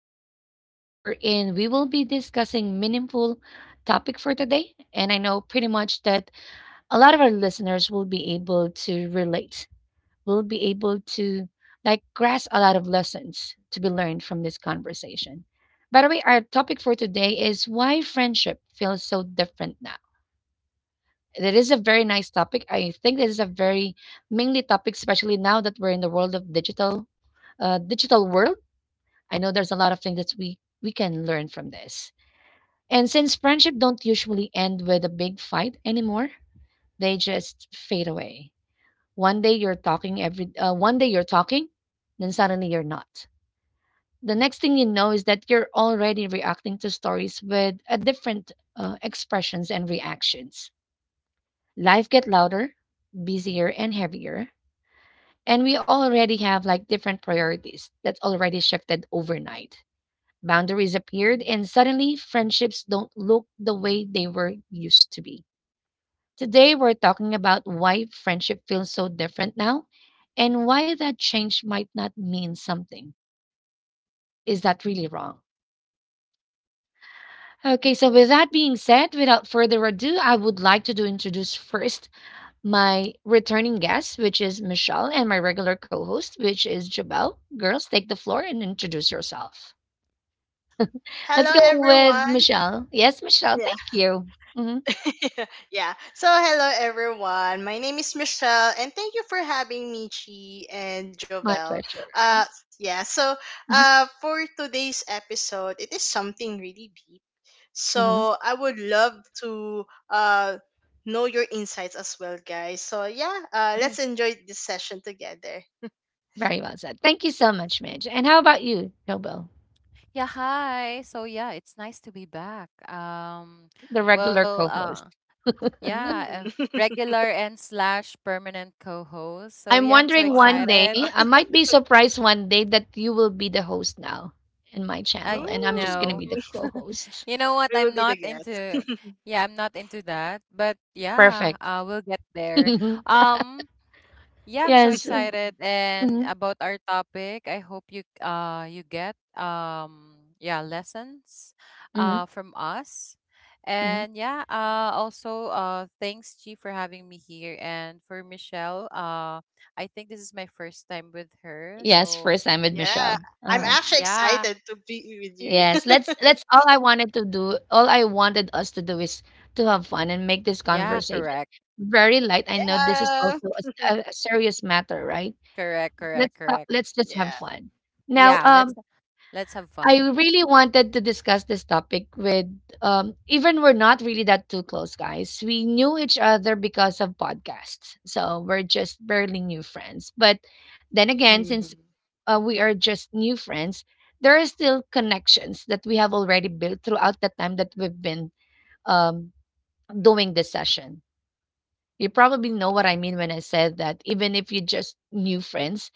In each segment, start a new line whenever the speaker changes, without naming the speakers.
Talk with G, wherein we will be discussing meaningful topic for today. And I know pretty much that a lot of our listeners will be able to relate, will be able to like grasp a lot of lessons to be learned from this conversation. By the way, our topic for today is why friendship feels so different now. That is a very nice topic. I think this is a very mainly topic, especially now that we're in the world of digital, digital world. I know there's a lot of things that we can learn from this. And since friendship don't usually end with a big fight anymore, they just fade away. One day you're talking, then suddenly you're not. The next thing you know is that you're already reacting to stories with a different expressions and reactions. Life get louder, busier and heavier, and we already have like different priorities that's already shifted overnight. Boundaries appeared, and suddenly friendships don't look the way they were used to be. Today, we're talking about why friendship feels so different now and why that change might not mean something. Is that really wrong? Okay, so with that being said, without further ado, I would like to do introduce first my returning guest, which is Michelle, and my regular co host, which is Jabel. Girls, take the floor and introduce yourself.
Hello,
Let's go with
everyone.
Michelle. Yes, Michelle,
Yeah.
thank you. Hmm.
yeah. So, hello, everyone. My name is Michelle, and thank you for having me, Chi and
My
Jovel.
pleasure.
Uh, yeah. So,
Mhm,
for today's episode, it is something really deep.
mhm.
So, I would love to know your insights as well, guys. So, yeah.
Correct.
Let's enjoy this session together.
Very well said. Thank you so much, Midge. And how about you, Nobel,
Yeah, hi. So yeah, it's nice to be back.
the regular
Well,
co-host?
yeah,
Mm.
regular and slash permanent co-host. So
I'm
yeah, I'm so
wondering
wow.
one
excited.
day, I might be surprised one day that you will be the host now in my channel,
I
and I'm just going to be
know.
Ooh.
the co-host.
You know what?
We will
I'm
be the
not
guest.
into. Yeah, I'm not into that. But yeah,
Perfect.
we'll get there. Um, Yeah, I'm so
Yes.
excited, and
Hmm.
about our topic, I hope you get, yeah, lessons
Hmm.
from us.
Hmm.
And yeah, also thanks, G, for having me here, and for Michelle. I think this is my first time with her.
Yes, first
So
time with
Yeah,
Michelle.
I'm actually excited
yeah,
to be with
Yes, let's
you.
let's all, I wanted to do, all I wanted us to do is to have fun and make this
yeah,
conversation
correct.
very light. I know this is
yeah,
also a, a serious matter, right?
Correct,
Let's
correct,
talk,
correct.
let's just have
yeah,
fun. Now,
Yeah, let's have
I
fun.
really wanted to discuss this topic with, um, even we're not really that too close guys. We knew each other because of podcasts. So, we're just barely new friends. But then again, since
Mhm.
we are just new friends, there are still connections that we have already built throughout the time that we've been, um, doing this session. You probably know what I mean when I said that even if you just new friends,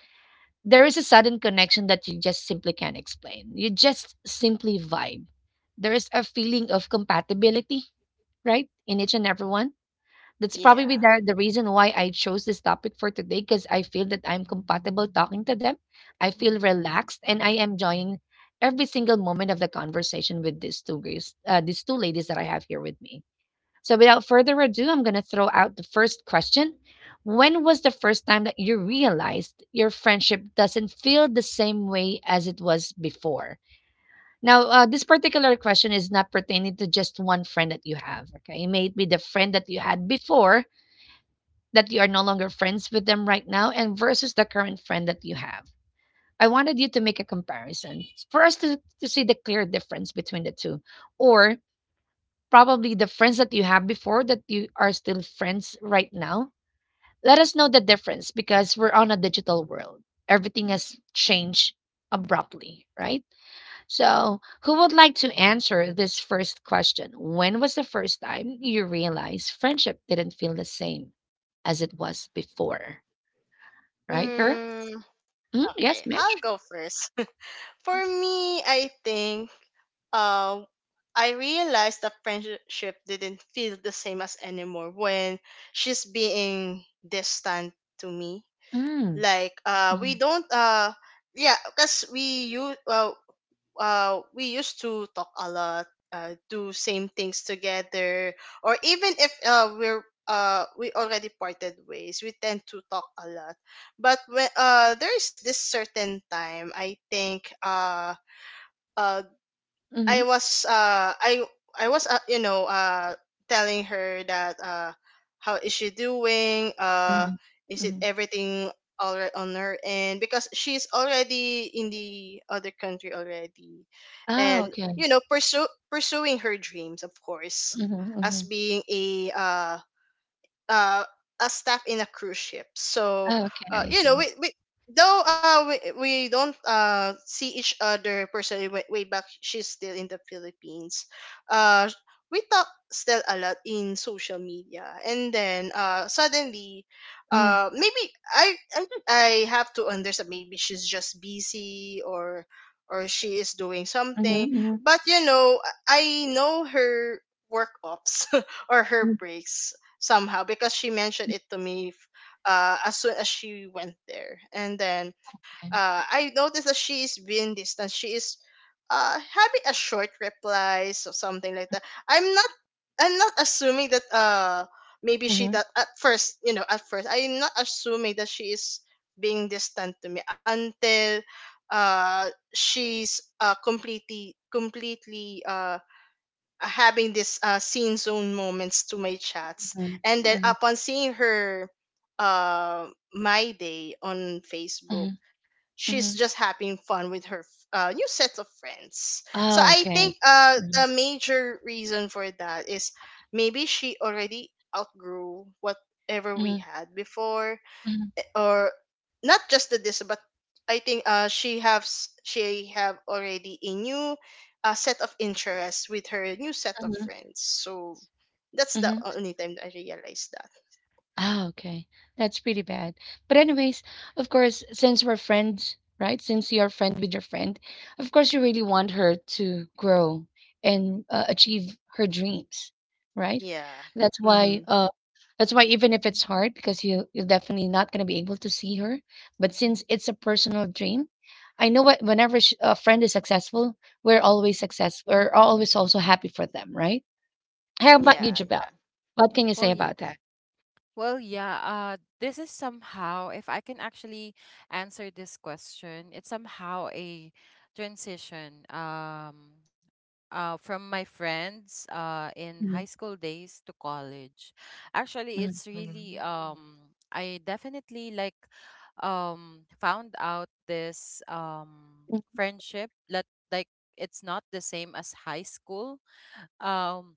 there is a sudden connection that you just simply can't explain. You just simply vibe. There is a feeling of compatibility, right? In each and every one, that's probably
yeah.
the reason why I chose this topic for today because I feel that I'm compatible talking to them. I feel relaxed and I am enjoying every single moment of the conversation with these two girls, these two ladies that I have here with me. So without further ado, I'm going to throw out the first question. When was the first time that you realized your friendship doesn't feel the same way as it was before? Now, this particular question is not pertaining to just one friend that you have. Okay, it may be the friend that you had before, that you are no longer friends with them right now and versus the current friend that you have. I wanted you to make a comparison for us to see the clear difference between the two, or probably the friends that you have before that you are still friends right now. Let us know the difference because we're on a digital world. Everything has changed abruptly, right? So, who would like to answer this first question? When was the first time you realized friendship didn't feel the same as it was before? Right, girl?
Mm,
Mm,
okay,
yes,
I'll
Mitch.
go first. For me, I think uh, I realized that friendship didn't feel the same as anymore when she's being distant to me
Mm.
like we
Mhm,
don't yeah, because we used to talk a lot, do same things together, or even if we already parted ways, we tend to talk a lot. But when there's this certain time, i think uh
mhm,
I was uh I I was, you know, telling her that, how is she doing,
mhm,
is it
mhm.
everything all right on her end, because she's already in the other country already
Oh,
and
okay.
you know pursue pursuing her dreams, of course,
Mhm,
as
mhm.
being uh, a staff in a cruise ship. So,
Oh, okay, I
you know,
see.
we though we don't see each other personally way, way back, she's still in the Philippines. Uh, we talk still a lot in social media, and then suddenly,
Mhm,
maybe, I think I have to understand. Maybe she's just busy, or. Or she is doing
mhm,
something,
mhm,
but you know, I know her work ops or her
mm,
breaks somehow because she mentioned it to me as soon as she went there. And then
okay.
I noticed that she is being distant. She is having a short replies or something like that. I'm not I'm not assuming that maybe she
Mhm,
that at first, you know, at first I'm not assuming that she is being distant to me until she's completely completely having this scene zone moments to my chats.
mhm,
And then
mhm,
upon seeing her uh, my day on Facebook,
mhm,
she's
mhm.
just having fun with her new set of friends. So
Oh,
I think
okay.
the
Mhm,
major reason for that is maybe she already outgrew whatever we
mhm,
had before,
mhm,
or not just the this but i think she have already a new, set of interests with her new set of
mhm,
friends. So that's the
mhm.
only time that I realized that.
Oh, okay. That's pretty bad. But anyways, of course, since we're friends, right? Since you're friend with your friend, of course you really want her to grow and, achieve her dreams, right?
Yeah.
That's why
Mm-hmm.
uh, that's why even if it's hard because you're definitely not going to be able to see her, but since it's a personal dream, I know what whenever a friend is successful. We're always also happy for them, right? How about you,
Yeah.
Jabel?
Yeah.
What can you say
Well,
about that?
Well, yeah, this is somehow, if I can actually answer this question, it's somehow a transition from my friends in high
Mhm.
school days to college. Actually,
Mhm.
it's really,
Mm.
I definitely like, found out this, friendship that, like, it's not the same as high school. Um,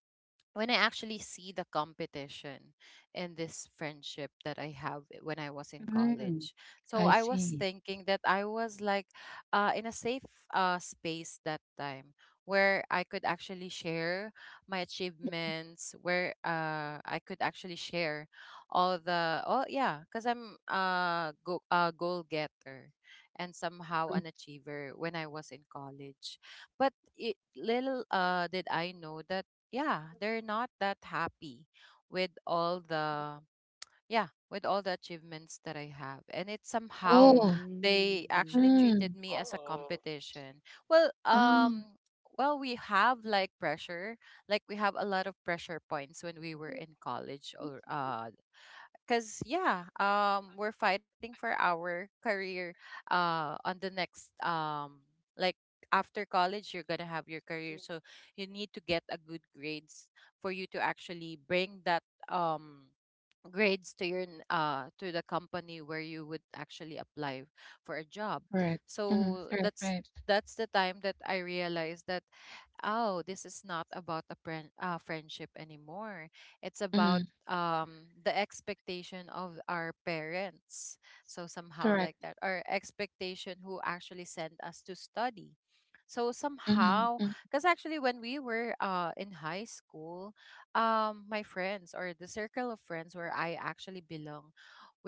when I actually see the competition in this friendship that I have when I was in college.
Mm,
So
I
I was
see.
thinking that I was like, in a safe, space that time, where I could actually share my achievements, where, I could actually share all the — oh yeah, because I'm a goal getter and somehow
Mm.
an achiever when I was in college. But little did I know that, yeah, they're not that happy with all the, yeah with all the achievements that I have, and it's somehow
Oh,
they
Mm-hmm.
actually
mm,
treated me as a
Oh.
competition. well
oh.
um well we have like pressure, like, we have a lot of pressure points when we were in college, or, because, yeah, we're fighting for our career on the next, like, after college you're gonna have your career, so you need to get a good grades, for you to actually bring that, grades, to your to the company where you would actually apply for a job.
Correct.
So
Mhm. Right,
that's
right.
that's the time that I realized that, oh, this is not about a friend — friendship anymore. It's about,
Mhm.
the expectation of our parents. So somehow like
Correct.
that, our expectation, who actually sent us to study. So
Mhm,
somehow,
mm,
because actually when we were, in high school, my friends, or the circle of friends where I actually belong,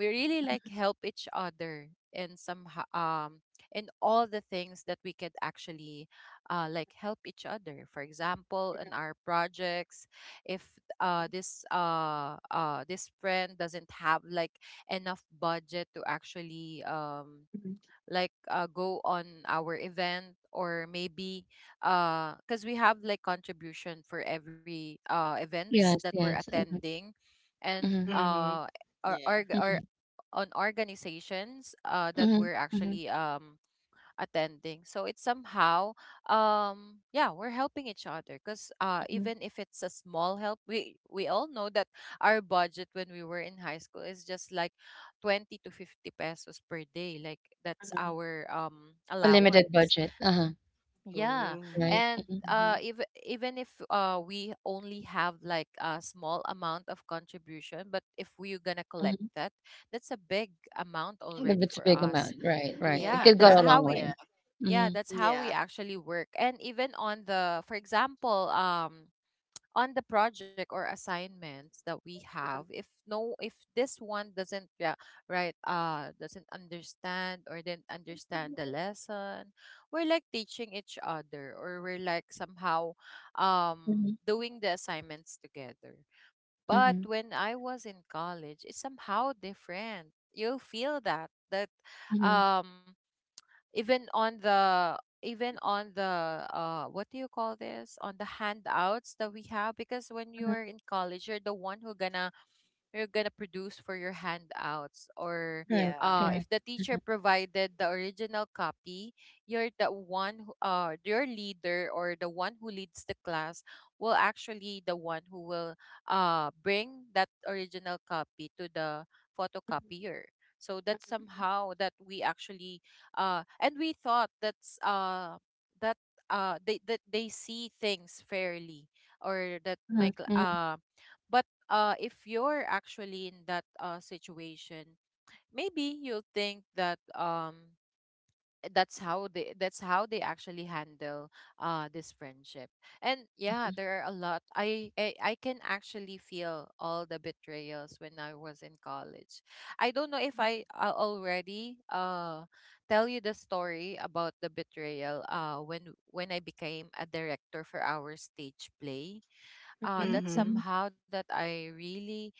we really like help each other in some, um in all the things that we could actually, like, help each other. For example, in our projects, if this friend doesn't have like enough budget to actually,
mhm.
like, go on our event, or maybe because we have like contribution for every, events
Yes,
that we're
yes. Mhm,
attending, and,
mhm,
Mm-hmm.
or,
Yeah.
or, or
mhm,
on organizations, that
mhm,
we're
mhm,
actually, attending. So it's somehow, yeah, we're helping each other, because,
mhm,
even if it's a small help, we all know that our budget when we were in high school is just like 20 to 50 pesos per day, like that's
mhm.
our,
A limited
allowance.
budget. Uh-huh.
Yeah,
Mm.
Right.
and,
Mhm,
Mm-hmm.
even if we only have like a small amount of contribution, but if we're gonna collect
mhm.
that, that's a big amount
If
already
it's a
for
big amount.
us.
Right, right. It could
Yeah,
Yeah.
go a long
Yeah.
way. Mhm,
that's
Yeah.
how we actually work. And even on the — for example, on the project or assignments that we have, if this one doesn't — yeah, right — doesn't understand, or didn't understand the lesson, we're like teaching each other, or we're like, somehow,
mhm,
doing the assignments together.
mhm,
But when I was in college, it's somehow different. You'll feel that,
mhm,
um even on the, what do you call this, on the handouts that we have, because when
mhm.
you're in college, you're the one who gonna you're gonna produce for your handouts, or,
Correct,
Yeah.
correct.
if the teacher
Uh-huh.
provided the original copy, you're the one who, your leader, or the one who leads the class, will actually the one who will, bring that original copy to the photocopier. So that's somehow that we actually, and we thought that's, that that they see things fairly, or that my
Mhm, mhm,
but, if you're actually in that, situation, maybe you'll think that, that's how they actually handle, this friendship. And yeah, there are a lot — I can actually feel all the betrayals when I was in college. I don't know if I already, tell you the story about the betrayal, when, I became a director for our stage play.
mhm,
That's
mhm,
Mm-hmm.
somehow that I really,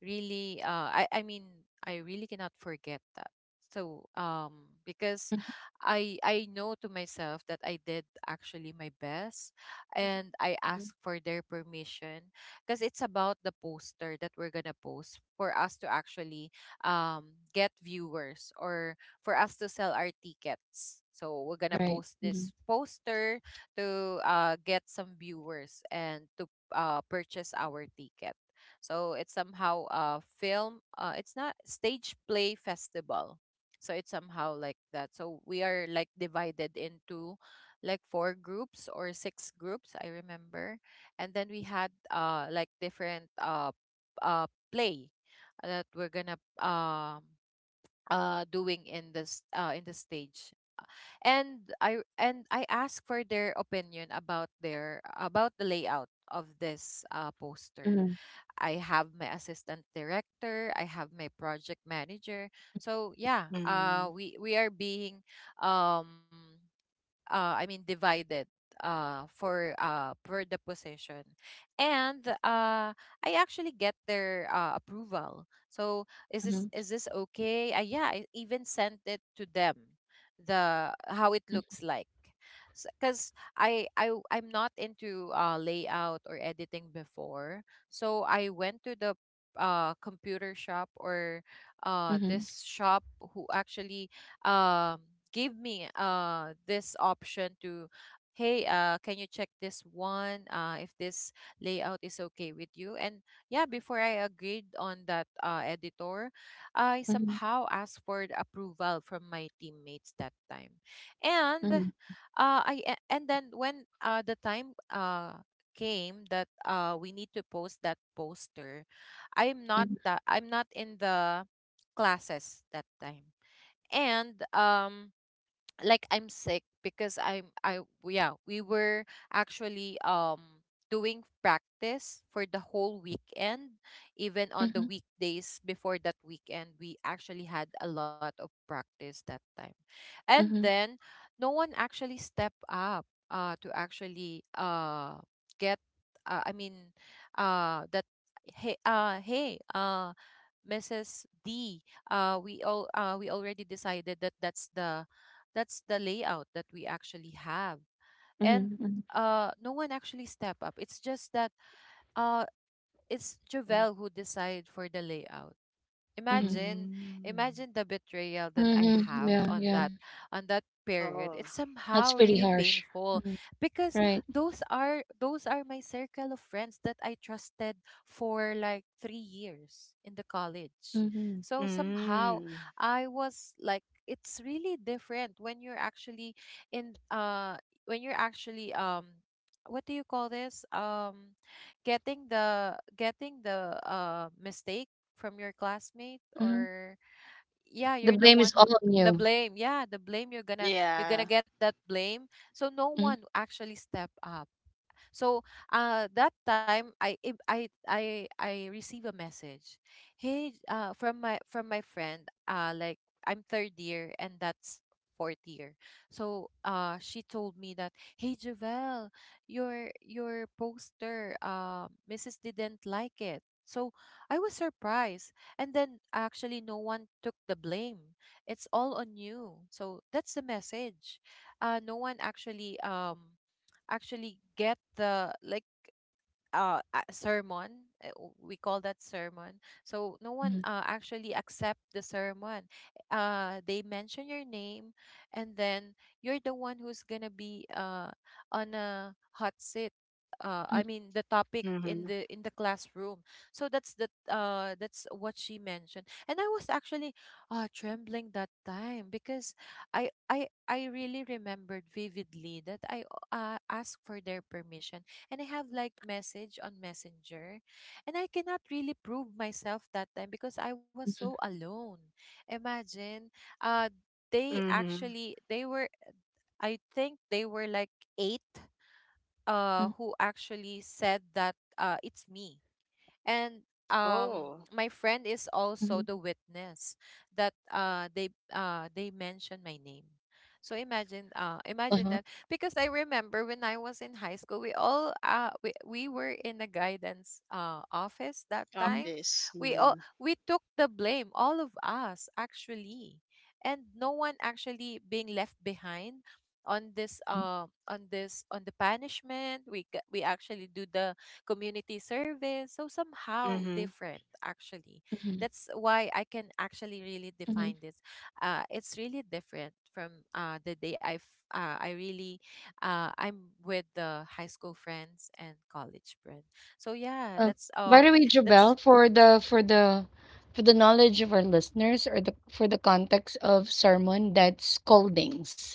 really, I mean, I really cannot forget that. So, because
mhm,
I know to myself that I did actually my best, and I
mhm.
asked for their permission, because it's about the poster that we're going to post for us to actually, get viewers, or for us to sell our tickets. So we're going to
Right.
post
Mhm,
this poster to, get some viewers, and to, purchase our ticket. So it's somehow a film. It's not stage play festival. So it's somehow like that. So we are like divided into like four groups or six groups, I remember. And then we had, like, different, play, that we're gonna, doing in this, in the stage. And I asked for their opinion about their, about the layout of this,
mhm.
poster. I have my assistant director, I have my project manager. So yeah,
Mm-hmm.
we are being, um I mean, divided, for, for the position. And, I actually get their, approval. So is this
Mhm,
is this okay, yeah, I even sent it to them the how it
mhm,
looks like, because I'm not into, layout or editing before, so I went to the, computer shop, or,
mhm,
this shop who actually, um gave me, this option to — hey, can you check this one, if this layout is okay with you? And, yeah, before I agreed on that, editor, I
mhm,
somehow asked for the approval from my teammates that time. And
mhm,
and then when, the time, came that, we need to post that poster, I'm
mhm,
not that I'm not in the classes that time. And, like, I'm sick because I'm I yeah, we were actually, doing practice for the whole weekend. Even on
mhm,
the weekdays before that weekend, we actually had a lot of practice that time. And
mhm,
then no one actually stepped up, to actually, get, I mean, that — hey, Mrs. D, we already decided that that's the — layout that we actually have. And,
mhm, mhm,
no one actually step up. It's just that, uh it's Javel who decide for the layout.
mhm,
imagine
Mm.
imagine the betrayal that I
mhm,
have
yeah,
on
yeah.
that, period. It's
Oh.
That's
somehow
pretty
really
harsh.
painful,
Mhm,
because
right.
those are — my circle of friends that I trusted for like 3 years in the college.
Mhm,
So somehow
Mm.
I was like, it's really different when you're actually in, when you're actually, what do you call this, getting the, mistake from your classmate,
mhm.
or, yeah,
The
you're
blame
the
is
one
all
who —
on you.
the blame, yeah, the blame, you're gonna
Yeah.
you're gonna get that blame, so no
Mhm,
one actually step up. So, that time, I if I I receive a message — hey, from my friend, like, I'm third year and that's fourth year. So, she told me that, hey, Javel, your poster, Mrs. didn't like it. So I was surprised, and then actually no one took the blame. It's all on you. So that's the message. No one actually, actually get the like, sermon. We call that sermon. So no one,
mhm,
actually accept the sermon. They mention your name, and then you're the one who's gonna be, on a hot seat.
mhm,
I mean, the topic in
Mm-hmm.
the, classroom. So that's what she mentioned. And I was actually, trembling that time, because I really remembered vividly that I, asked for their permission, and I have like message on Messenger. And I cannot really prove myself that time, because I was so
mhm,
alone. Imagine, uh, they actually
Mm-hmm.
they were I think they were like eight
mhm,
who actually said that it's me. And
Oh,
my friend is also
mhm,
the witness that they mentioned my name. So imagine,
uh-huh,
that, because I remember when I was in high school, we all we were in the guidance office that
mhm,
time.
office.
We all
Mm.
we took the blame, all of us actually, and no one actually being left behind on this
mhm,
on this on the punishment. We we actually do the community service. So somehow
Mm-hmm.
different, actually.
mhm,
That's why I can actually really
mhm.
define this. It's really different from the day I I really, I'm with the high school friends and college friend. So yeah,
Uh,
that's
By the way, Jobel,
that's
for the for the for the knowledge of our listeners or the for the context of sermon, that's scoldings.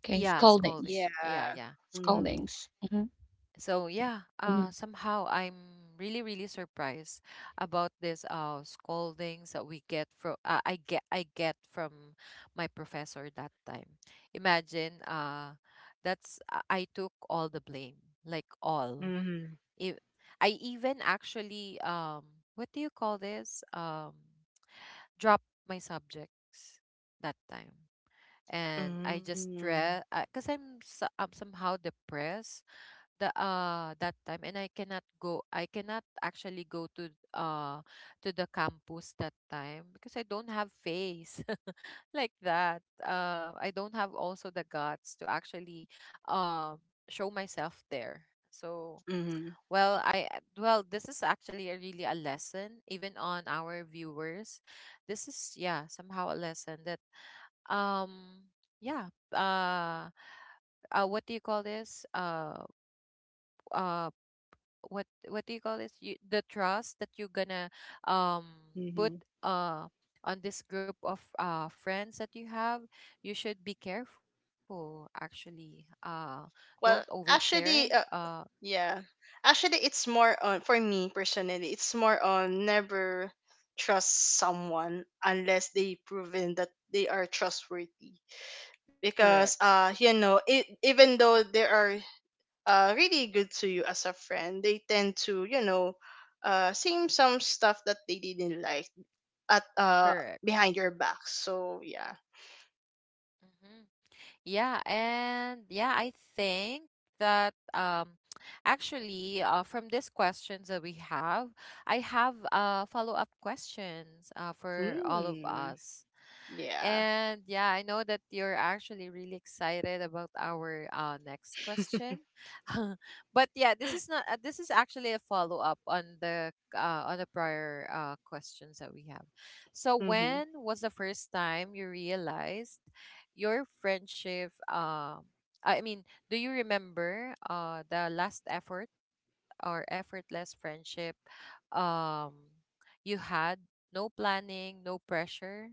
Okay,
yeah,
scoldings.
scolding. Yeah,
Yeah.
yeah.
Mm-hmm.
Scoldings. Mm-hmm.
So yeah,
Mm-hmm.
somehow I'm really really surprised about this scoldings that we get from I get from my professor that time. Imagine, that's I took all the blame, like all.
Mm-hmm.
If I even actually, what do you call this? Drop my subjects that time. And I just
Mm-hmm.
stress because I'm somehow depressed the that time, and I cannot actually go uh to the campus that time because I don't have face like that. I don't have also the guts to actually, um show myself there. So
Mm-hmm.
well, I well this is actually a really a lesson even on our viewers. This is, yeah, somehow a lesson that, um yeah uh what do you call this? Uh what do you call this? You, the trust that you're gonna, um put,
Mm-hmm.
uh on this group of friends that you have, you should be careful actually. Don't
Well,
overshare.
actually, uh,
uh
yeah. Actually, it's more on, for me personally, it's more on never trust someone unless they proven that they are trustworthy.
Correct.
Because, you know, it, even though there are really good to you as a friend. They tend to, you know, say some stuff that they didn't like at
Correct.
behind your back. So yeah,
Hmm. Yeah, and yeah, I think that, actually, from these questions that we have, I have follow-up questions, for all of
mm,
us.
yeah,
And yeah, I know that you're actually really excited about our, next question. But yeah, this is not this is actually a follow-up on the prior, questions that we have. So
mm-hmm.
when was the first time you realized your friendship? I mean, do you remember the last effort, or effortless friendship, um you had? No planning, no pressure.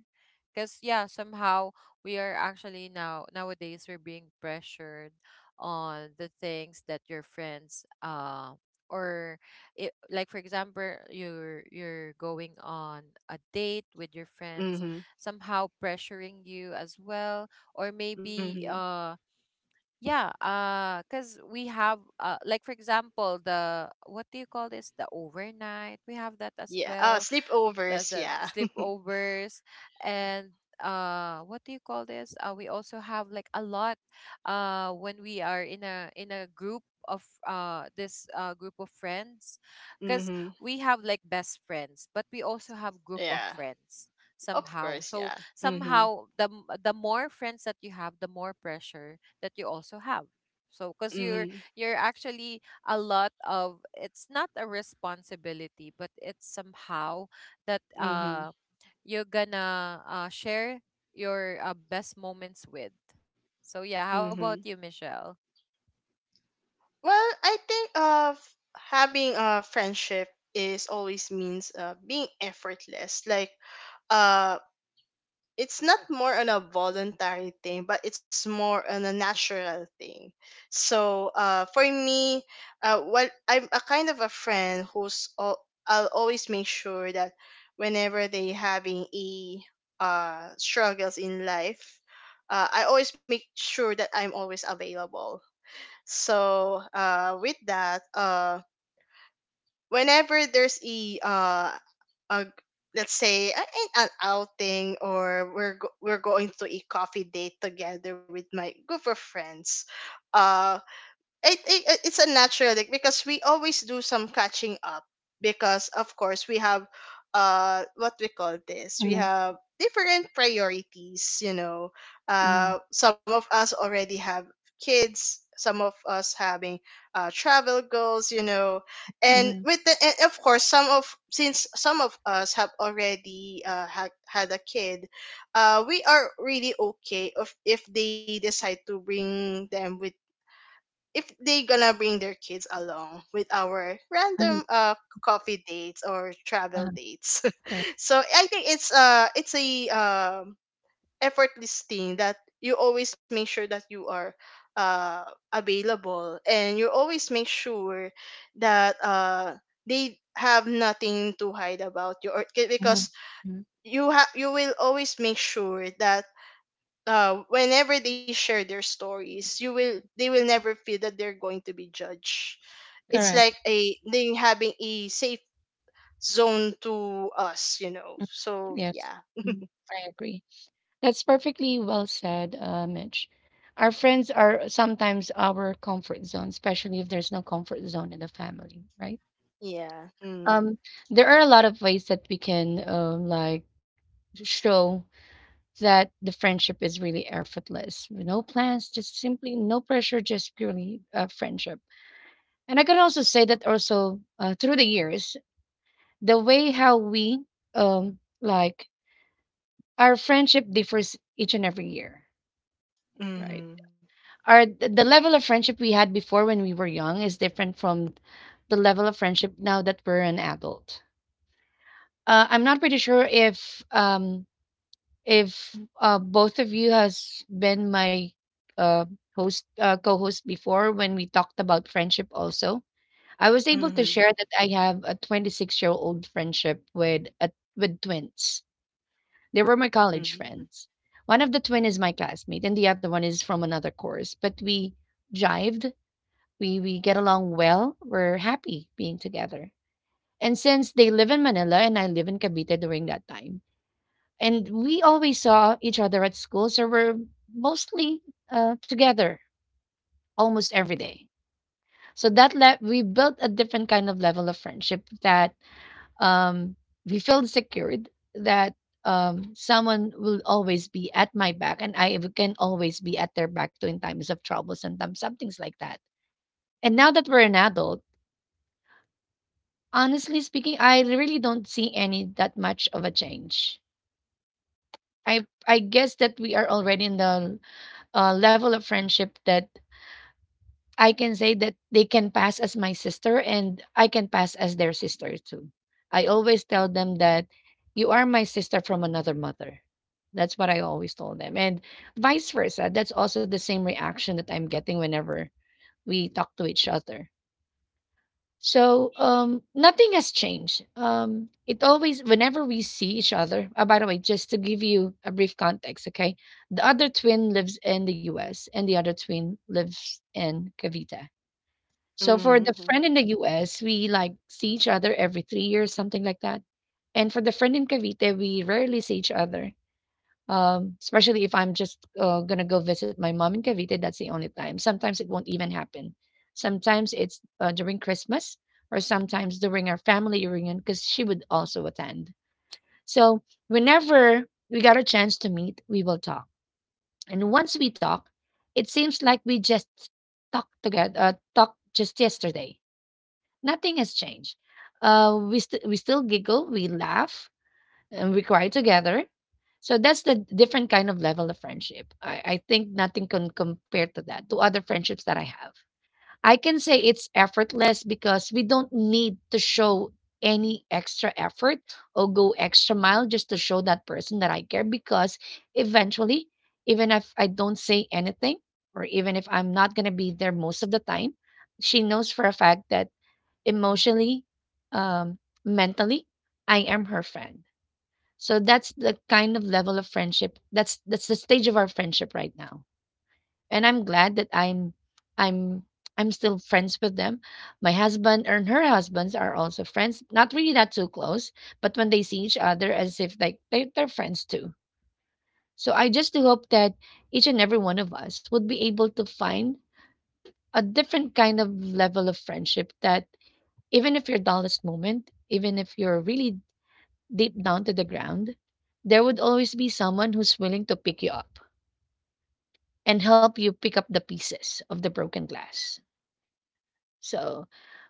Because yeah, somehow we are actually now nowadays we're being pressured on the things that your friends, or it, like for example, you're going on a date with your friends,
Mm-hmm.
somehow pressuring you as well. Or
Hmm.
maybe, yeah, cause we have, like for example, the, what do you call this? The overnight. We have that as
Yeah.
well. The
Sleepovers,
the
yeah,
sleepovers and, what do you call this? We also have like a lot. When we are in a group of this group of friends, cause
hmm
we have like best friends, but we also have group of
yeah,
friends
of
somehow.
course,
So
yeah, mm-hmm.
somehow the more friends that you have, the more pressure that you also have. So because
Mm-hmm.
you're actually a lot of, it's not a responsibility, but it's somehow that,
Mm-hmm.
you're gonna, share your, best moments with. So yeah, how about
Hmm.
you, Michelle?
Well, I think having a friendship is always means being effortless. Like uh it's not more on a voluntary thing, but it's more on a natural thing. So, for me, what I'm a kind of a friend who's all, I'll always make sure that whenever they having a struggles in life, I always make sure that I'm always available. So, with that, whenever there's a a let's say an outing, or we're going to a coffee date together with my group of friends, uh it, it it's a natural like, because we always do some catching up, because of course we have, what we call this, we
Mm-hmm.
have different priorities, you know,
Mm-hmm.
some of us already have kids, some of us having travel goals, you know, and
Mm-hmm.
with the and of course some of, since some of us have already had, had a kid, we are really okay if they decide to bring them with, if they gonna bring their kids along with our
Mhm,
random coffee dates or travel
uh-huh,
dates.
correct.
So I think it's a effortless thing, that you always make sure that you are, uh available, and you always make sure that, they have nothing to hide about you, or
Mhm,
because
mhm,
you have, you will always make sure that, whenever they share their stories, you will they will never feel that they're going to be judged. It's like
correct.
a they having a safe zone to us, you know.
Mhm,
So
yes,
yeah,
mm, I agree. That's perfectly well said, Mitch. Our friends are sometimes our comfort zone, especially if there's no comfort zone in the family, right?
yeah. Mm.
Um, there are a lot of ways that we can, like show that the friendship is really effortless. No plans, just simply no pressure, just purely, friendship. And I can also say that also, through the years, the way how we, um, like our friendship differs each and every year, right?
Mm-hmm.
The level of friendship we had before when we were young is different from the level of friendship now that we're an adult. Uh, I'm not pretty sure if, um, if, both of you has been my, uh, host, co-host before when we talked about friendship also. I was able to
Mm-hmm.
share that I have a 26-year-old friendship with a, with twins. They were my college friends. One of the twin is my classmate, and the other one is from another course. But we jived. We get along well. We're happy being together. And since they live in Manila and I live in Cavite during that time, and we always saw each other at school, so we're mostly, together almost every day. So that we built a different kind of level of friendship that, um, we feel secured that, someone will always be at my back and I can always be at their back too in times of trouble, sometimes, some things like that. And now that we're an adult, honestly speaking, I really don't see any that much of a change. I guess that we are already in the, level of friendship that I can say that they can pass as my sister and I can pass as their sister too. I always tell them that you are my sister from another mother. That's what I always told them. And vice versa. That's also the same reaction that I'm getting whenever we talk to each other. So, um, nothing has changed. Um, it always whenever we see each other. Oh, by the way, just to give you a brief context, okay? The other twin lives in the US and the other twin lives in Cavite, so for the
Mm-hmm. Mm-hmm.
friend in the US, we like see each other every 3 years, something like that. And for the friend in Cavite, we rarely see each other. Especially if I'm just, gonna go visit my mom in Cavite, that's the only time. Sometimes it won't even happen. Sometimes it's, during Christmas, or sometimes during our family reunion, because she would also attend. So whenever we got a chance to meet, we will talk. And once we talk, it seems like we just talked together, talked just yesterday. Nothing has changed. We we still giggle, we laugh, and we cry together. So that's the different kind of level of friendship. I think nothing can compare to that, to other friendships that I have. I can say it's effortless because we don't need to show any extra effort or go extra mile just to show that person that I care because eventually, even if I don't say anything, or even if I'm not going to be there most of the time, she knows for a fact that emotionally, um, mentally, I am her friend. So that's the kind of level of friendship. That's the stage of our friendship right now. And I'm glad that I'm I'm still friends with them. My husband and her husbands are also friends. Not really that too close, but when they see each other as if like they're friends too. So I just do hope that each and every one of us would be able to find a different kind of level of friendship that even if your dullest moment, even if you're really deep down to the ground, there would always be someone who's willing to pick you up and help you pick up the pieces of the broken glass. So,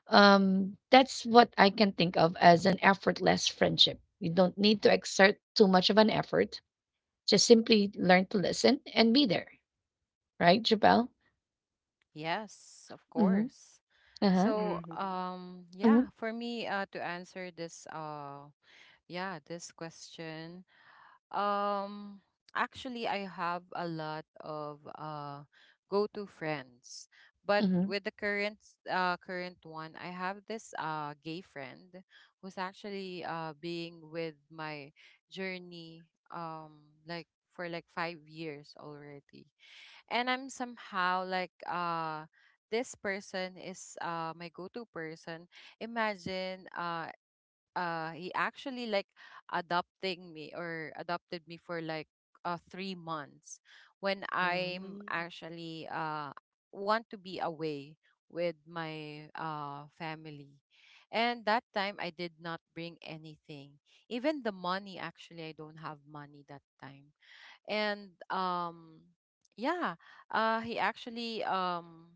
that's what I can think of as an effortless friendship. You don't need to exert too much of an effort. Just simply learn to listen and be there, right, Jabel?
Yes, of
Mm-hmm.
course.
Uh-huh.
So
Mm-hmm.
yeah,
Mm-hmm.
for me, to answer this, yeah, this question. Um, actually, I have a lot of go-to friends, but
Mm-hmm.
with the current, current one, I have this gay friend who's actually being with my journey, like for like 5 years already, and I'm somehow like. This person is my go-to person. Imagine, he actually like adopting me, or adopted me for like 3 months, when I'm actually want to be away with my family. And that time I did not bring anything. Even the money, actually I don't have money that time. And yeah, he actually,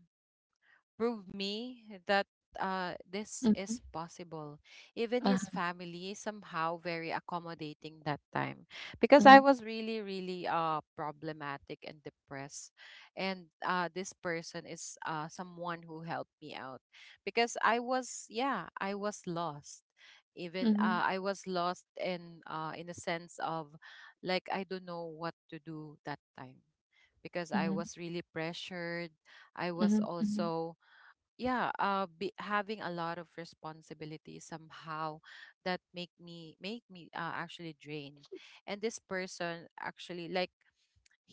prove me that,
Yeah.
this
Mm-hmm.
is possible. Even
Uh-huh.
his family is somehow very accommodating that time, because I
Mm-hmm.
was really, really, problematic and depressed. And this person is, someone who helped me out, because I was, yeah, I was lost. Even,
Mm-hmm.
I was lost in, in a sense of like I don't know what to do that time because I
Mm-hmm.
was really pressured. I
Mm-hmm.
was
Mm-hmm.
also, having a lot of responsibilities somehow that make me, actually drained. And this person actually like,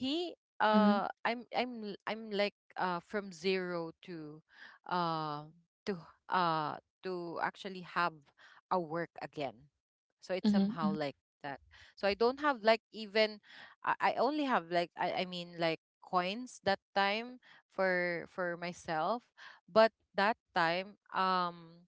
he
Mm-hmm.
I'm like, from zero to, uh to uh to actually have a work again. So it's
Mm-hmm.
somehow like that. So I don't have like, even I only have like like coins that time for myself. But that time,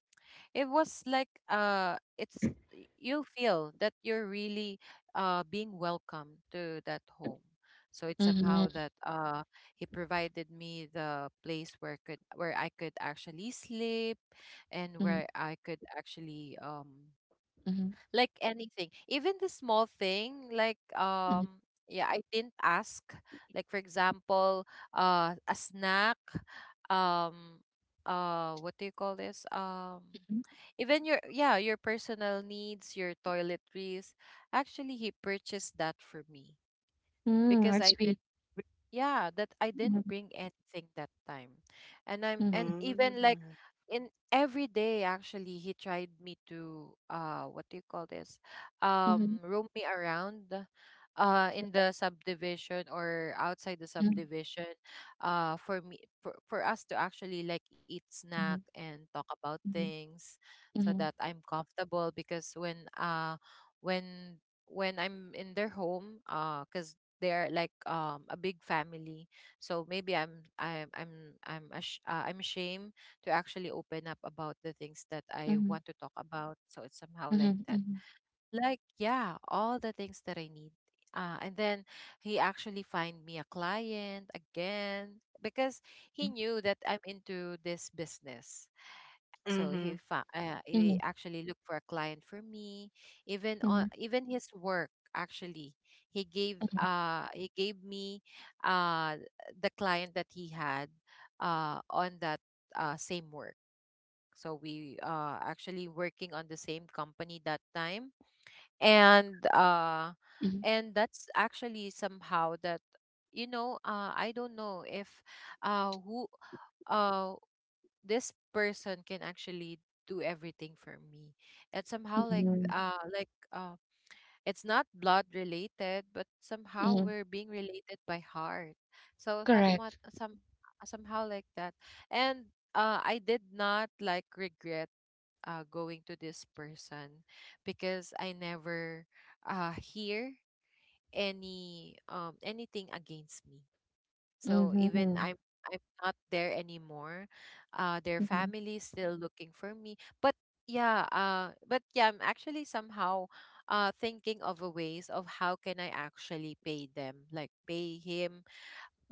it was like, you feel that you're really, being welcome to that home. So it's somehow
Mm-hmm.
that, he provided me the place where I could actually sleep, and where
Mhm,
I could actually,
mhm,
like anything, even the small thing, like,
mhm,
yeah, I didn't ask, like for example, a snack, um what do you call this,
mhm.
even your, yeah, your personal needs, your toiletries. Actually, he purchased that for me
Mm,
because
that's
I
sweet.
didn't, yeah, that I didn't
Mhm,
bring anything that time. And I'm, and
mhm,
even like
Mm-hmm.
in every day, actually, he tried me to, what do you call this,
mhm,
roam me around, in the subdivision or outside the
mhm,
subdivision, for me for us to actually like eat snack
mhm,
and talk about
mhm,
things, so that
mhm,
I'm comfortable. Because when, when when I'm in their home, because they're like, a big family. So maybe I'm I'm ashamed to actually open up about the things that I
mhm,
want
mhm,
to talk about. So it's somehow like
mhm,
that,
mhm,
like yeah, all the things that I need. And then he actually find me a client again, because he knew that I'm into this business. So
Mm-hmm.
he
mhm,
actually looked for a client for me, even on,
mhm,
even his work. Actually he gave me, uh the client that he had, on that, same work. So we actually working on the same company that time. And that's actually somehow that, you know, I don't know if, who uh this person can actually do everything for me. And somehow
mhm,
like,
mhm,
it's not blood related, but somehow we're
mhm.
being related by heart. So somewhat
Correct.
some somehow like that. And I did not like regret, going to this person, because I never, hear any, anything against me. So
Mhm,
even I'm
mhm,
I'm not there anymore. Their
mhm,
family is still looking for me. But yeah, I'm actually somehow, thinking of a ways of how can I actually pay them, like pay him.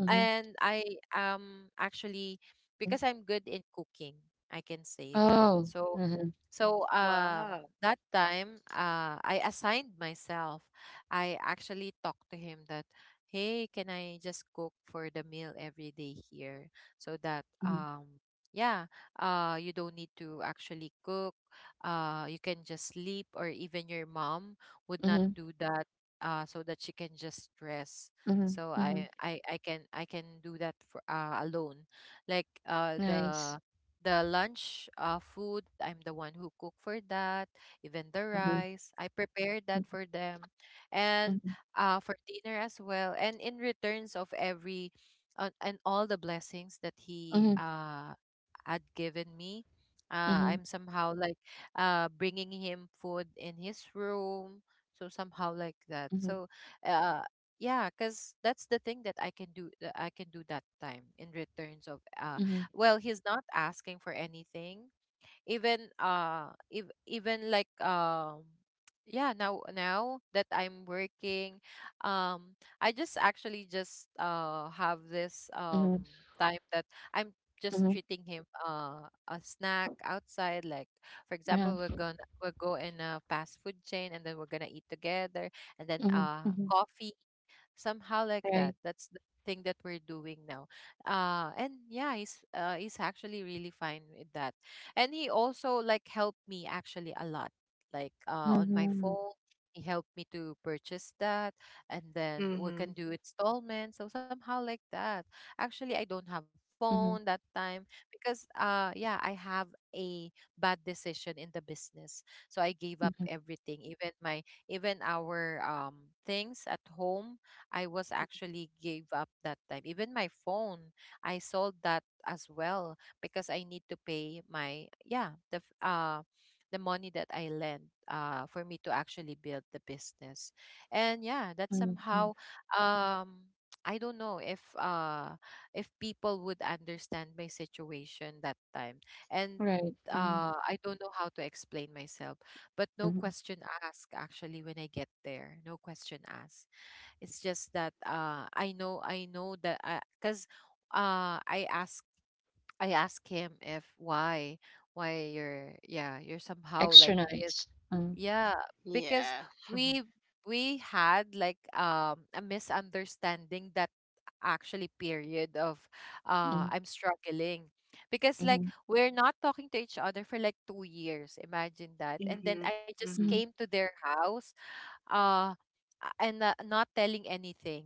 mhm.
I, actually, because I'm good in cooking, I can say that.
Oh.
So
Mhm,
so
Wow.
that time, I assigned myself. I actually talked to him that, hey, can I just cook for the meal every day here, so that,
mhm,
yeah, you don't need to actually cook. Uh, you can just sleep, or even your mom would not
mhm,
do that, so that she can just rest.
mhm,
So
mhm.
I can do that for, alone. Like
Nice.
the lunch, food, I'm the one who cook for that. Even the
Mhm,
rice I prepare that for
mhm,
them. And
mhm,
for dinner as well. And in returns of every, and all the blessings that he,
mhm,
had given me, I'm
mhm,
somehow like, bringing him food in his room. So somehow like that. So,
mhm,
uh, yeah, because that's the thing that I can do that time in returns of,
mhm,
well, he's not asking for anything. Even, if, even like, yeah, now that I'm working, um I just actually just, have this, time that I'm
mhm,
just
mhm. Uh-huh.
treating him, a snack outside. Like for example, we'll go in a fast food chain, and then we're gonna eat together, and then,
Mhm, mhm.
coffee. Somehow like that,
Right.
that's the thing that we're doing now. And yeah, he's actually really fine with that. And he also like helped me actually a lot, like, on my
Mhm,
phone, he helped me to purchase that, and then we
Mm-hmm.
can do installments. So somehow like that. Actually, I don't have phone
mhm,
that
mhm,
time, because, yeah, I have a bad decision in the business, so I gave up everything, even my, even our things at home, I was actually gave up that time. Even my phone, I sold that as well, because I need to pay my, yeah, the money that I lent, for me to actually build the business. And yeah, that
mhm, mhm.
somehow, um I don't know if, people would understand my situation that time. And,
Right. Mhm,
Mm-hmm.
I don't know how to explain myself, but no
mhm.
question asked actually when I get there. No question asked. It's just that I know that I— because uh, I ask I ask him, if why you're— yeah, you're somehow
Extra
like
nice.
this.
Mm,
Yeah,
Yeah.
because we we had like a misunderstanding that actually period of
mm,
I'm struggling because,
mhm,
like, we're not talking to each other for like 2 years, imagine that, and
Mm-hmm.
then I just
Mm-hmm.
mhm,
came to their house, uh a- and not telling anything,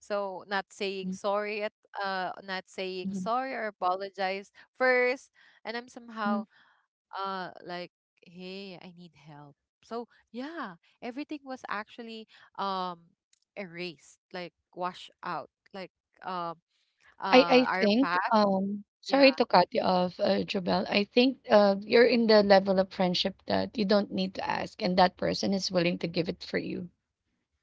so not saying
mhm,
sorry at— not saying
mhm,
sorry or apologize first, and I'm
mhm.
somehow, like, hey, I need help. So yeah, everything was actually, um erased, like washed out, like, um
I I
our
think,
path. Yeah.
sorry to cut you off, Jobelle. I think, you're in the level of friendship that you don't need to ask, and that person is willing to give it for you.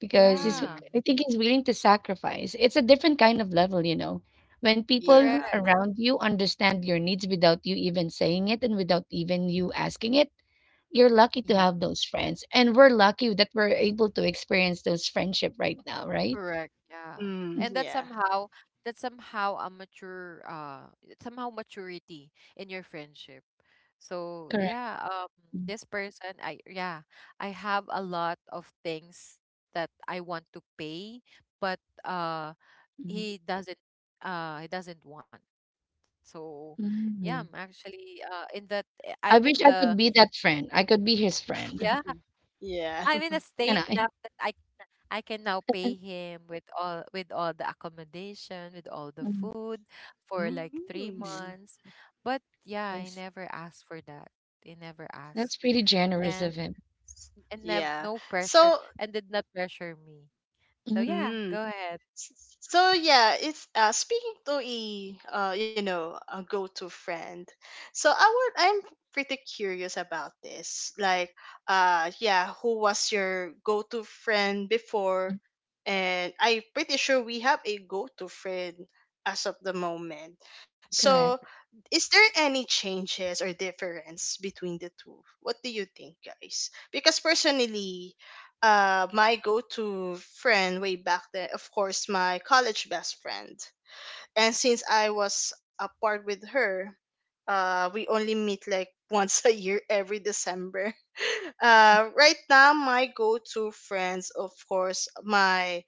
Because he's
Yeah,
Mm.
I think he's willing to sacrifice. It's a different kind of level, you know. When people
correct.
Yeah.
around you understand your needs without you even saying it and without even you asking it, you're lucky to
Yeah.
have those friends. And we're lucky that we're able to experience those friendship right now, right?
Correct. Yeah.
Mm,
Mm.
And that
Yeah.
somehow that somehow a mature— it's somehow maturity in your friendship. So
correct.
yeah,
Mm,
this person, I— yeah, I have a lot of things that I want to pay, but uh
mhm.
he doesn't he doesn't want. So yeah, I'm
Mm.
actually in that, I'm in
I wish
the—
I could be that friend. I could be his
yeah,
friend.
I'm
Yeah.
in a state
Can
now
I?
that I can now pay him with all the accommodation, with all the
Mm,
food for like three
Mm,
nice.
months. But yeah, I
Nice.
never asked for that. He never asked.
That's pretty generous
And
of him.
and never—
yeah.
no pressure,
So,
and did not pressure me. So
Hmm.
yeah, go
mm,
ahead.
so yeah, it's speaking to a you know, a go-to friend. So I'm pretty curious about this. Like yeah, who was your go-to friend before? And I'm pretty sure we have a go-to friend as of the moment. So,
Correct.
is there any changes or difference between the two? What do you think, guys? Because personally, my go-to friend way back then, of course, my college best friend. And since I was apart with her, we only meet like once a year every December. Right now, my go-to friends, of course, my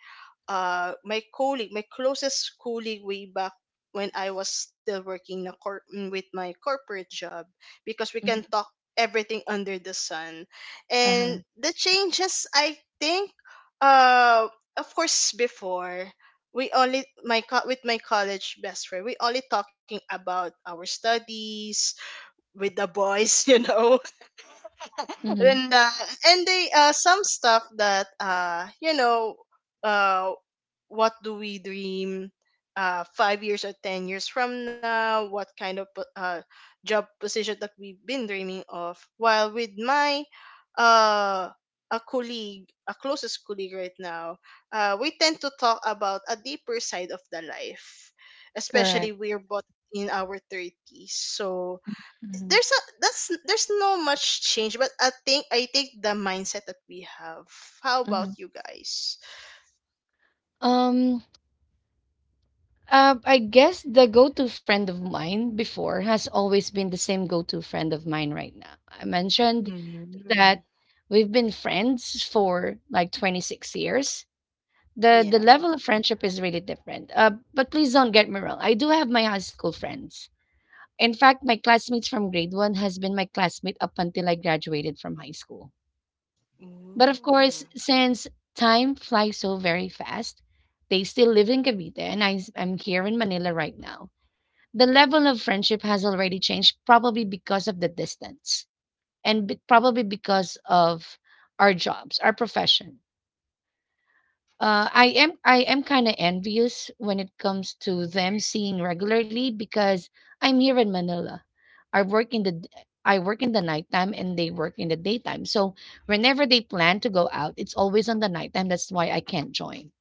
my colleague, my closest colleague way back when I was still working with my corporate job, because we can
Hmm.
talk everything under the sun.
Uh-huh.
And the changes, I think, uh, of course, before, we only my co- with my college best friend we only talking about our studies, with the boys, you know,
Hmm.
and uh, and they some stuff that you know uh what do we dream 5 years or 10 years from now, what kind of job position that we've been dreaming of, while with my uh a colleague, a closest colleague right now, we tend to talk about a deeper side of the life, especially
Correct.
we're both in our 30s. So
Mhm,
there's a, that's there's no much change, but i think the mindset that we have. How about
mhm.
you guys?
Um, I guess the go-to friend of mine before has always been the same go-to friend of mine right now. I mentioned
Mm-hmm.
that we've been friends for like 26 years. The
Yeah.
level of friendship is really different. But please don't get me wrong. I do have my high school friends. In fact, my classmates from grade one has been my classmate up until I graduated from high school. But of course,
Mm-hmm.
since time flies so very fast, they still live in Cavite and I am here in Manila right now. The level of friendship has already changed, probably because of the distance and probably because of our jobs, our profession. I am kind of envious when it comes to them seeing regularly because I'm here in Manila. I work in the d- I work in the nighttime and they work in the daytime. So whenever they plan to go out, it's always on the nighttime. That's why I can't join,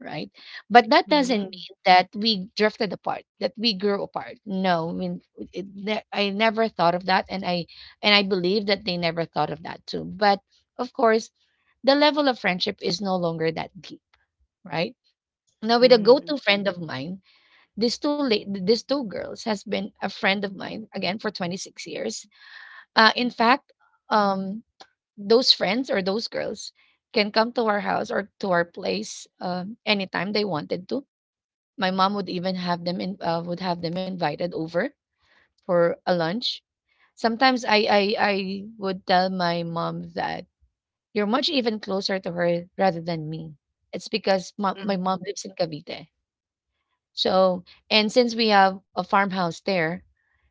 right? But that doesn't
Mm-hmm.
mean that we drifted apart, that we grew apart. No, I mean, I never thought of that, and I believe that they never thought of that too. But of course, the level of friendship is no longer that deep, right? Now, with a
Mm-hmm.
go-to friend of mine, these two girls has been a friend of mine again for 26 years in fact, um, those friends or those girls can come to our house or to our place anytime they wanted to. My mom would even have them in, would have them invited over for a lunch. Sometimes I would tell my mom that you're much even closer to her rather than me. It's because my mom
Mm-hmm.
lives in Cavite. So and since we have a farmhouse there,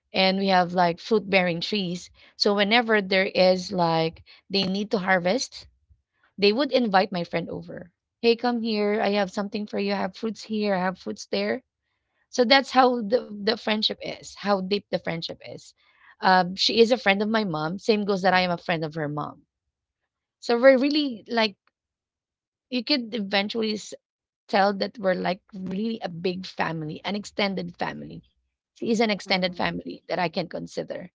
and we have like fruit bearing trees. So whenever there is like they need to harvest, they would invite my friend over. Hey, come here. I have something for you. I have fruits here. I have fruits there. So that's how the friendship is, how deep the friendship is. She is a friend of my mom. Same goes that I am a friend of her mom. So we're really like, you could eventually tell that we're like really a big family, an extended family. She is an
Mm-hmm.
extended family that I can consider.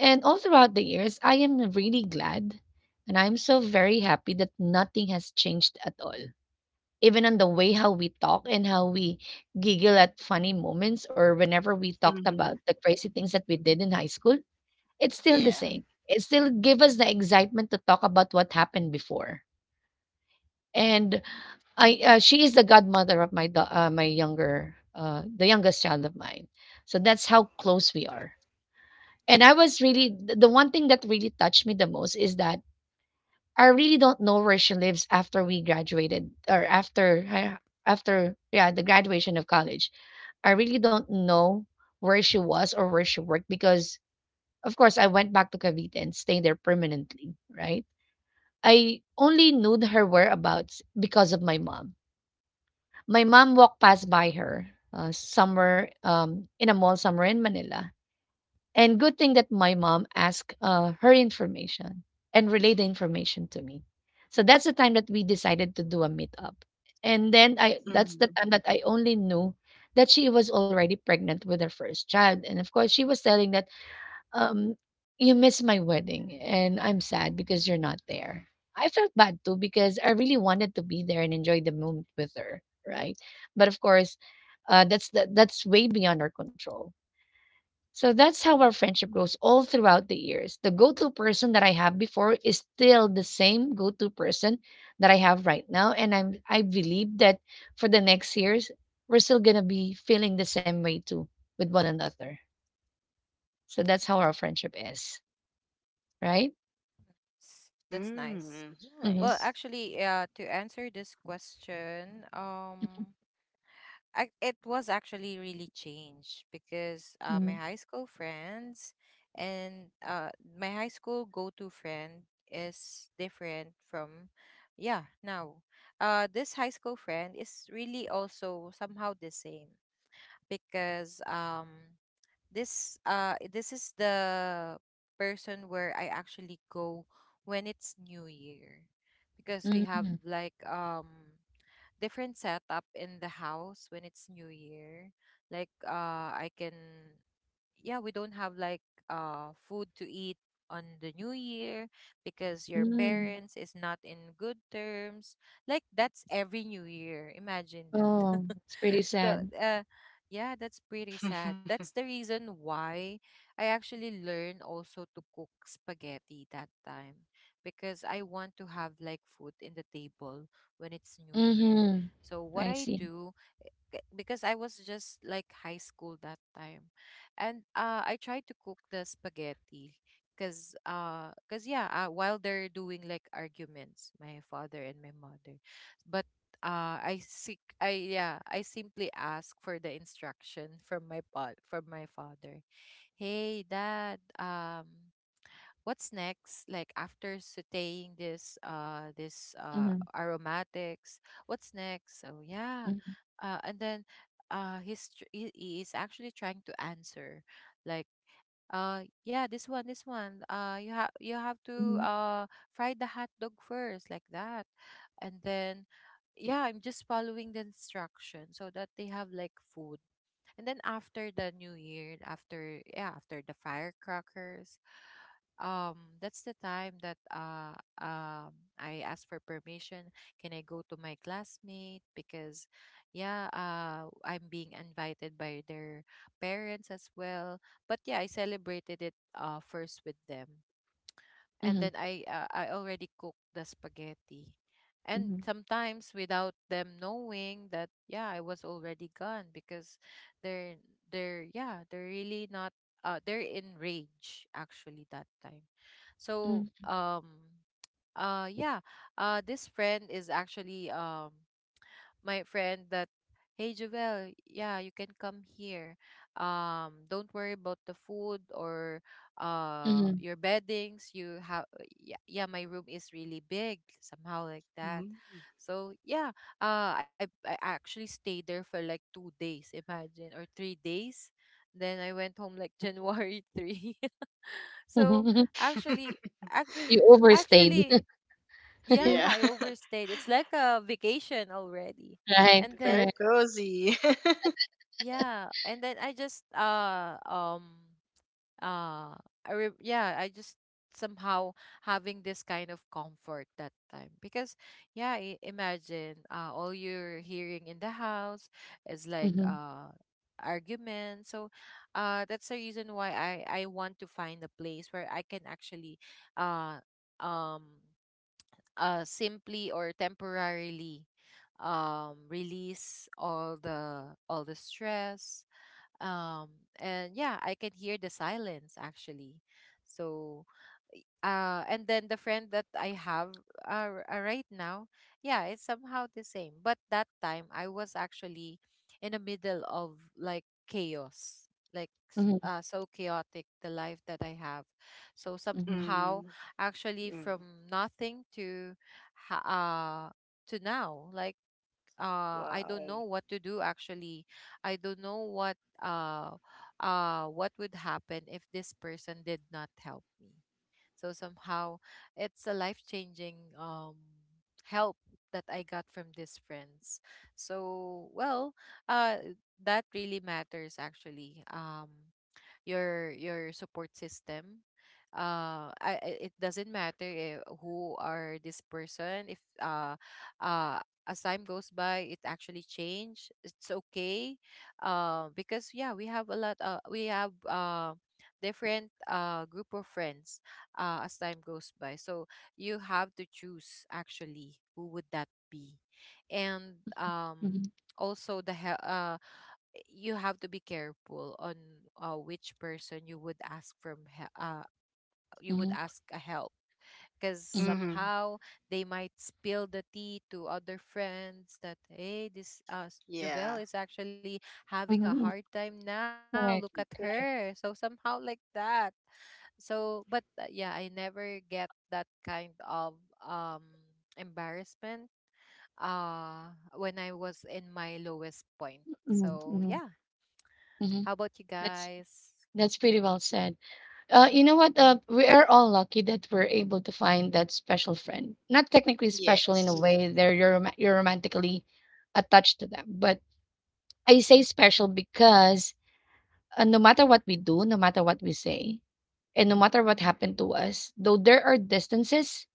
And all throughout the years, I am really glad and I'm so very happy that nothing has changed at all. Even on the way how we talk and how we giggle at funny moments or whenever we talked
Mm-hmm.
about the crazy things that we did in high school, it's still the
Yeah.
same. It still gives us the excitement to talk about what happened before. And I she is the godmother of my younger the youngest child of mine. So that's how close we are. And I was really th- the one thing that really touched me the most is that I really don't know where she lives after we graduated or after the graduation of college. I really don't know where she was or where she worked because of course I went back to Cavite and stayed there permanently, right? I only knew her whereabouts because of my mom. My mom walked past by her somewhere in a mall somewhere in Manila and good thing that my mom asked her information and relayed the information to me. So that's the time that we decided to do a meetup. And then I that's the time that I only knew that she was already pregnant with her first child. And of course, she was telling that, um, you missed my wedding and I'm sad because you're not there. I felt bad too because I really wanted to be there and enjoy the moment with her, right? But of course, that's way beyond our control so that's how our friendship grows all throughout the years. The go to person that I have before is still the same go to person that I have right now. And I believe that for the next years, we're still gonna be feeling the same way too with one another. So that's how our friendship is, right?
That's nice.
Mm-hmm.
Mm-hmm.
Well,
Nice.
actually, to answer this question, I— it was actually really changed because
Mm-hmm.
my high school friends and my high school go-to friend is different from— yeah, now. This high school friend is really also somehow the same because this is the person where I actually go when it's New Year, because we have like different setup in the house when it's New Year, like I can yeah, we don't have like food to eat on the New Year because your
Mm-hmm.
parents is not in good terms, like that's every New Year, imagine that.
Oh, it's pretty
so
sad.
uh yeah, that's pretty sad, that's the reason why I actually learned also to cook spaghetti that time, because I want to have like food in the table when it's New Year.
Mm-hmm.
So what
I
I
see.
do, because I was just like high school that time, and I tried to cook the spaghetti because, cause yeah, while they're doing like arguments, my father and my mother, but I seek I yeah, I simply ask for the instruction from from my father. Hey, dad, what's next, like after sautéing this
Mm-hmm.
aromatics, what's next? So yeah,
Mm-hmm.
and then he is actually trying to answer, like, yeah, this one you have to fry the hot dog first, like that. And then, yeah, I'm just following the instruction so that they have like food. And then after the New Year, after yeah, after the firecrackers, that's the time that I asked for permission. Can I go to my classmate? Because, yeah, I'm being invited by their parents as well. But yeah, I celebrated it first with them, and then
Mm-hmm.
I already cooked the spaghetti. And
Mm-hmm.
sometimes without them knowing that, yeah, I was already gone because they're they're yeah, they're really not— they're in rage actually that time. So yeah, this friend is actually my friend that— hey, Jovel, yeah, you can come here. Don't worry about the food or your beddings. You have— yeah, yeah, my room is really big, somehow like that.
Mm.
So yeah, I actually stayed there for like 2 days, imagine, or 3 days. Then I went home like January 3. So
Mm-hmm.
actually, ac-
You overstayed.
actually, yeah, I
Yeah.
overstayed. It's like a vacation already. And
Right,
then—
Very
correct.
cozy.
yeah, and then I just uh I re yeah, I just somehow having this kind of comfort that time because, yeah, I imagine all you're hearing in the house is like
Mhm,
argument. So that's the reason why I want to find a place where I can actually uh um simply or temporarily release all the stress, um and yeah, I can hear the silence actually. So and then the friend that I have right now, yeah, it's somehow the same, but that time I was actually in the middle of like chaos, like
mhm,
so chaotic the life that I have. So
mhm,
somehow,
Mm.
actually,
Mm.
from nothing to— ha- uh to now, like, I don't know
Wow.
what to do actually. I don't know what would happen if this person did not help me. So somehow it's a life-changing help that I got from these friends. So well, uh that really matters actually. Your support system, it doesn't matter, who are this person. If uh as time goes by it actually change, it's okay, because, yeah, we have a lot— we have different group of friends as time goes by, so you have to choose actually who would that be. And
mhm,
also the he- uh you have to be careful on which person you would ask from— you would
mhm,
ask a help, because
mhm,
Mm-hmm.
somehow they might spill the tea to other friends that, hey, Jovel
Yeah.
is actually having a
mhm, mm,
hard time now, look at
correct,
her,
correct.
so somehow like that. So, but yeah, I never get that kind of um embarrassment when I was in my lowest point.
Mhm,
So yeah,
mhm,
how
mhm.
about you
That's
guys?
that's pretty well said. You know what? We are all lucky that we're able to find that special friend. Not technically special in a
Yes.
way; you're romantically attached to them. But I say special because no matter what we do, no matter what we say, and no matter what happened to us, though there are distances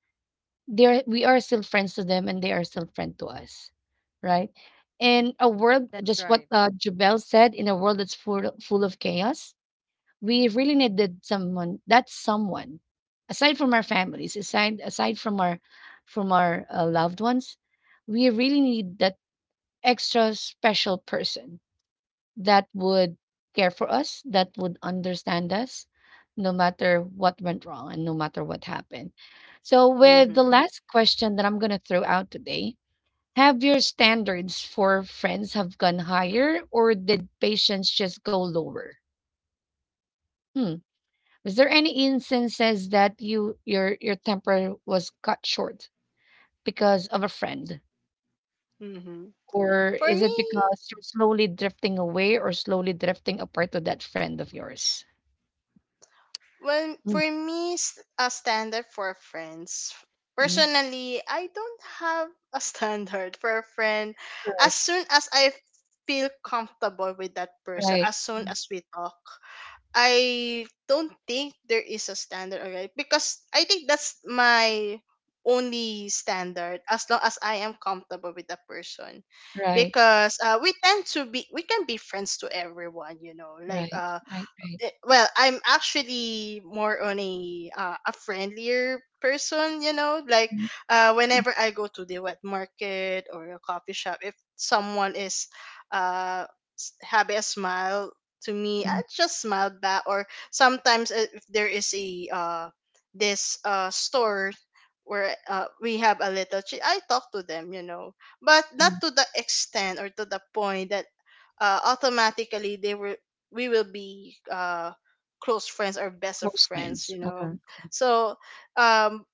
they're we are still friends to them and they are still friend to us right in a world
That's
just what
right.
Jubel said, in a world that's full, full of chaos we really needed someone that's someone aside from our families, aside from our loved ones. We really need that extra special person that would care for us, that would understand us, no matter what went wrong and no matter what happened. So, with
Mm-hmm.
the last question that I'm going to throw out today, have your standards for friends have gone higher or did patience just go lower? Hmm. Was there any instances that your temper was cut short because of a friend?
Mm-hmm.
Or
For
is it
me,
because you're slowly drifting away or slowly drifting apart to that friend of yours?
well,
Hmm.
for me, a standard for friends.
Mm-hmm.
Personally, I don't have a standard for a friend. As
Correct.
soon as I feel comfortable with that person,
Right,
as soon as we talk, I don't think there is a standard already, because I think that's my only standard, as long as I am comfortable with that person,
right,
because we tend to be, we can be friends to everyone, you know, like
right, right, right.
eh, well, I'm actually more on a friendlier person, you know. Like
Mhm,
whenever I go to the wet market or a coffee shop, if someone is uh Habe a smile to me, I
mhm,
just smile back. Or sometimes if there is a this store where we have a little, chi- I talk to them, you know, but not
mhm.
to the extent or to the point that automatically they will we will be close friends or best of friends,
Coastlines.
you know.
Uh-huh.
So um,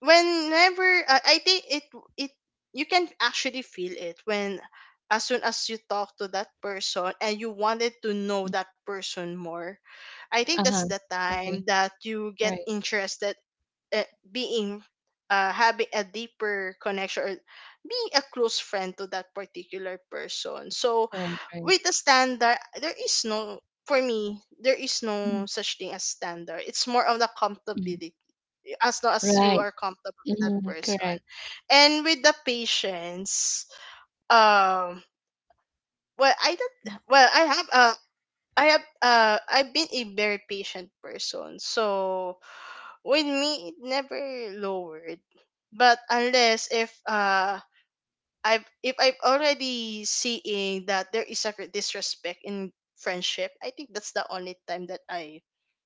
whenever I think it it you can actually feel it, when as soon as you talk to that person and you wanted to know
Mm,
that person more. I think
uh-huh.
that's the time
Agree.
that you get
Right,
interested uh, being having a deeper connection or being a close friend to that particular person. So
right, right.
with a standard, there is no, for me, there is
Mhm,
no such thing as standard. It's more of the
mhm.
comfortability, as long as you
Right.
are comfortable with that
Mhm,
person.
correct.
And with the patience, um, well, I don't, well, I have I've been a very patient person. So with me it never lowered. But unless if I've if I've already seeing that there is a disrespect in friendship, I think that's the only time that I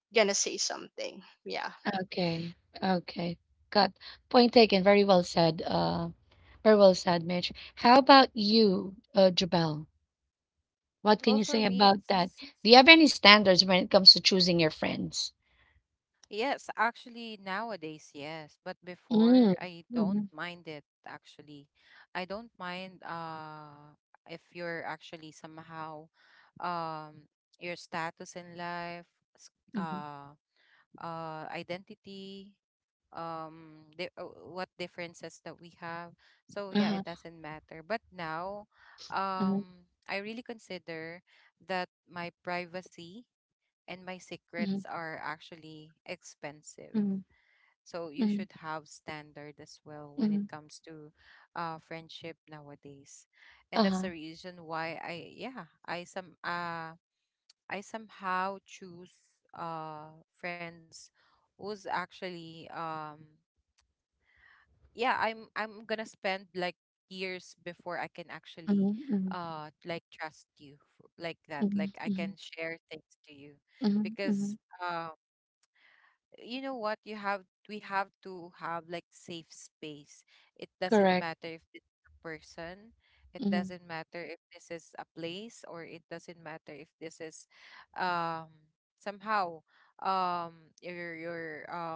gonna say something. Yeah.
Okay. Okay. Got point taken. Very well said. Very well said, Mitch. How about you, Jabel?
Well,
What can
for
you say
me,
about
it's—
that? Do you have any standards when it comes to choosing your friends?
yes, actually, nowadays, yes, but before
Mm.
I don't
Mm-hmm.
mind it actually. I don't mind if you're actually somehow um your status in life, s-
Mm-hmm.
uh identity, what differences that we have. So yeah,
Uh-huh.
it doesn't matter. But now,
Mm-hmm.
I really consider that my privacy and my
Mm-hmm.
secrets are actually expensive.
Mm-hmm.
So you should have standard as well when it
Mm-hmm.
comes to friendship nowadays, and that's
Uh-huh.
the reason why I yeah, I somehow choose uh friends who's actually, yeah, I'm gonna spend like years before I can actually
Mhm, mhm,
like trust like that. Like, I
mhm,
can
mhm,
share things to you
mhm,
because
mhm.
uh, you know what, you have we have to have like safe space. It doesn't
Correct.
matter if it's a person, it doesn't
Mhm.
matter if this is a place, or it doesn't matter if this is, um somehow, your um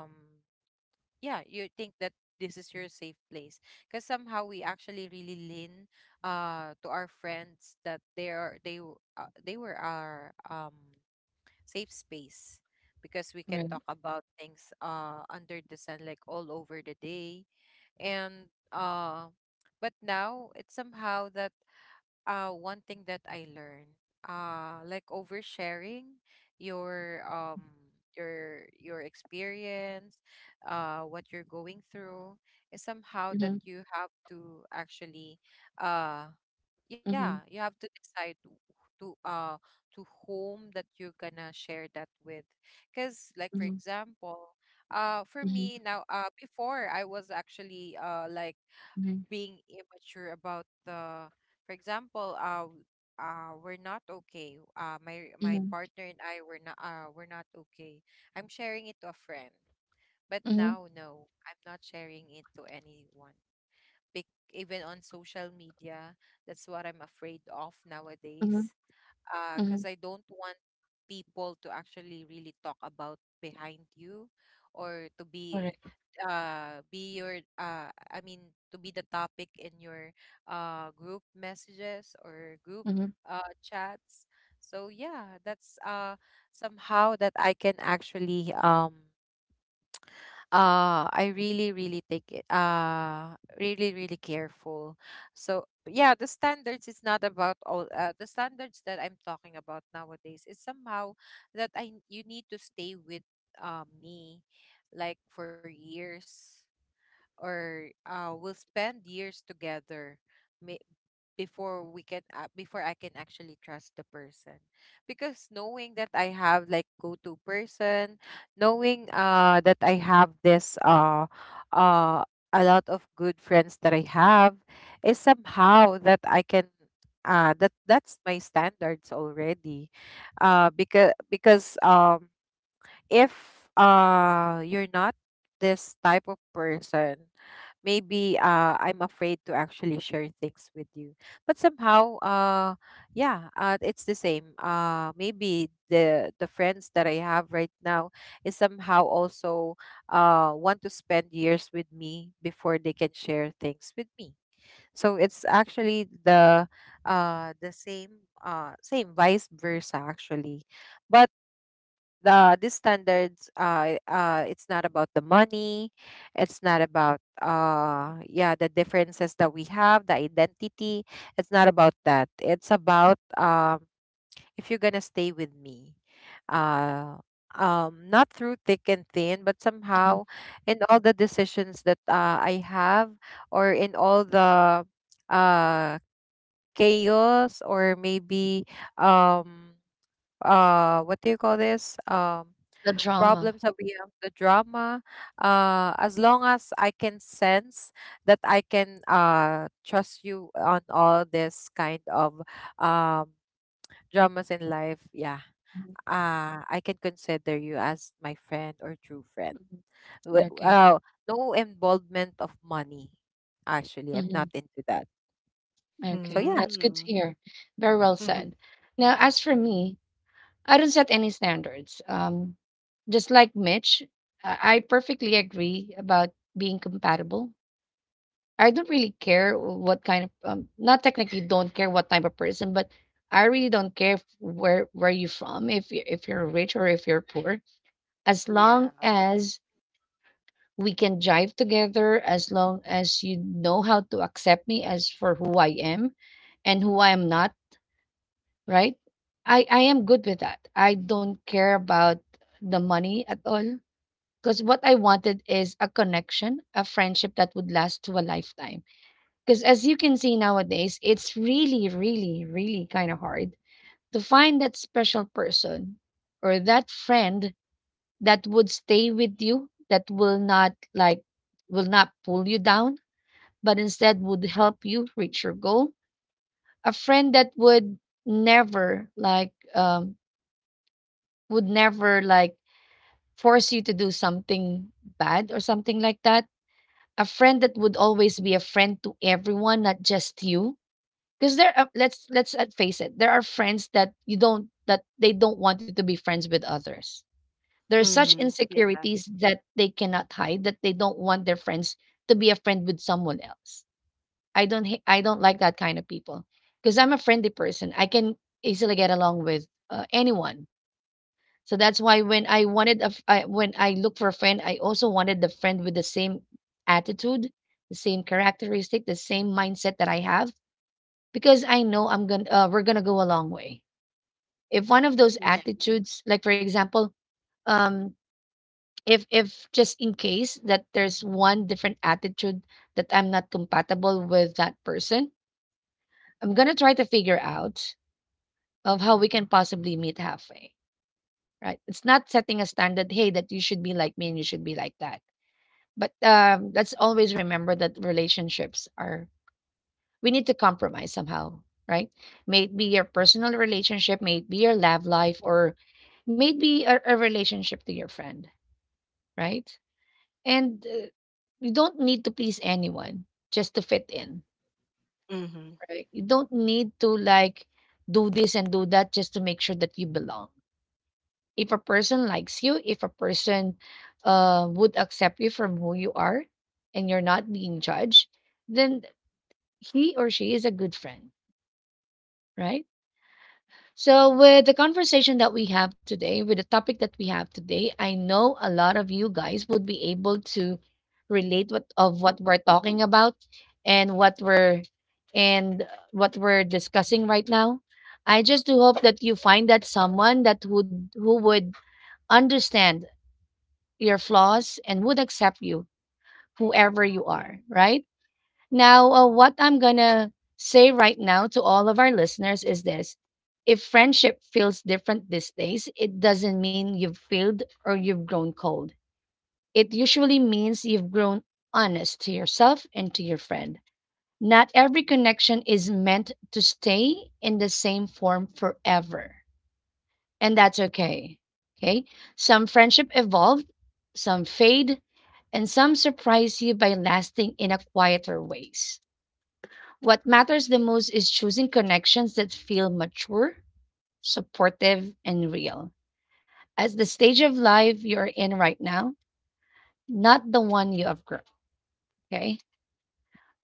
yeah, you think that this is your safe place, because somehow we actually really lean to our friends that they are they w- they were our safe space, because we can
Right.
talk about things under the sun, like all over the day. And but now it's somehow that one thing that I learned, like, oversharing your experience, what you're going through, is somehow that
Mhm,
you have to actually, uh yeah,
mhm,
you have to decide to uh to whom that you're gonna share that with. Because, like, for
mhm,
example, for me
mhm,
now, before I was actually like
mhm,
being immature about the— for example, we're not okay, my
mhm,
partner and I were not we're not okay, I'm sharing it to a friend. But now,
mhm,
no, I'm not sharing it to anyone. Big, even on social media. That's what I'm afraid of nowadays,
mhm,
because I
mhm.
don't want people to actually really talk about behind you, or to
Correct.
be your— I mean, to be the topic in your group messages or group
Mhm.
chats. So yeah, that's somehow that I can actually, I really, really take it, really, really careful. So yeah, the standards is not about all— the standards that I'm talking about nowadays is somehow that I you need to stay with me like for years, or we'll spend years together, may— before we can— before I can actually trust the person, because knowing that I have like go-to person, knowing that I have this uh a lot of good friends that I have is somehow that I can that that's my standards already, because if you're not this type of person, maybe I'm afraid to actually share things with you. But somehow, yeah, it's the same. Maybe the friends that I have right now is somehow also want to spend years with me before they can share things with me. So it's actually the— the same, same vice versa actually. But these standards, it's not about the money. It's not about yeah, the differences that we have, the identity. It's not about that, it's about if you're gonna stay with me, uh not through thick and thin, but
Uh-huh.
somehow in all the decisions that I have, or in all the uh chaos, or maybe, um what do you call this,
The drama.
problem sabihin of the drama. As long as I can sense that I can trust you on all this kind of um, dramas in life, yeah,
Mhm,
I can consider you as my friend or true friend.
mhm.
Wi-
Okay.
Uh, no involvement of money, actually. I'm
Mhm.
not into that.
Okay.
So,
That's
yeah.
good to
Mm.
hear. Very well said. Now, as for me, I don't set any standards. Just like Mitch, I perfectly agree about being compatible. I don't really care what kind of not technically don't care what type of person, but I really don't care where you from, if you if you're rich or if you're poor, as
yeah.
long as we can jive together, as long as you know how to accept me as for who I am and who I am not, right? I am good with that. I don't care about the money at all because what I wanted is a connection, a friendship that would last to a lifetime. Because as you can see nowadays, it's really, really, really kind of hard to find that special person or that friend that would stay with you, that will not like, will not pull you down, but instead would help you reach your goal. A friend that never like, um, would never like force you to do something bad or something like that. A friend that would always be a friend to everyone, not just you because there are, let's face it, there are friends that you don't that they don't want you to be friends with others. There are such
Mm-hmm.
insecurities that they cannot hide, that they don't want their friends to be a friend with someone else. I don't like that kind of people because I'm a friendly person. I can easily get along with anyone. So that's why when I wanted a f- I, when I look for a friend, I also wanted the friend with the same attitude, the same characteristic, the same mindset that I have, because I know I'm gonna we're gonna go a long way. If one of those
Yeah.
attitudes, like for example, um, if just in case that there's one different attitude that I'm not compatible with that person, I'm gonna try to figure out of how we can possibly meet halfway. Right? It's not setting a standard. Hey, that you should be like me and you should be like that. But let's always remember that relationships are, we need to compromise somehow, right? May it be your personal relationship, may it be your love life, or may it be a relationship to your friend, right? And you don't need to please anyone just to fit in,
Hmm.
right? You don't need to like do this and do that just to make sure that you belong. If a person likes you, if a person would accept you from who you are and you're not being judged, then he or she is a good friend, right? So, with the conversation that we have today, with the topic that we have today, I know a lot of you guys would be able to relate what of what we're talking about and what we're and what we're discussing right now. I just do hope that you find that someone that would who would understand your flaws and would accept you, whoever you are, right? Now, what I'm gonna say right now to all of our listeners is this: if friendship feels different these days, it doesn't mean you've failed or you've grown cold. It usually means you've grown honest to yourself and to your friend. Not every connection is meant to stay in the same form forever, and that's okay. Okay? Some friendship evolve, some fade, and some surprise you by lasting in a quieter ways. What matters the most is choosing connections that feel mature, supportive, and real. As the stage of life you're in right now, not the one you have grown. Okay.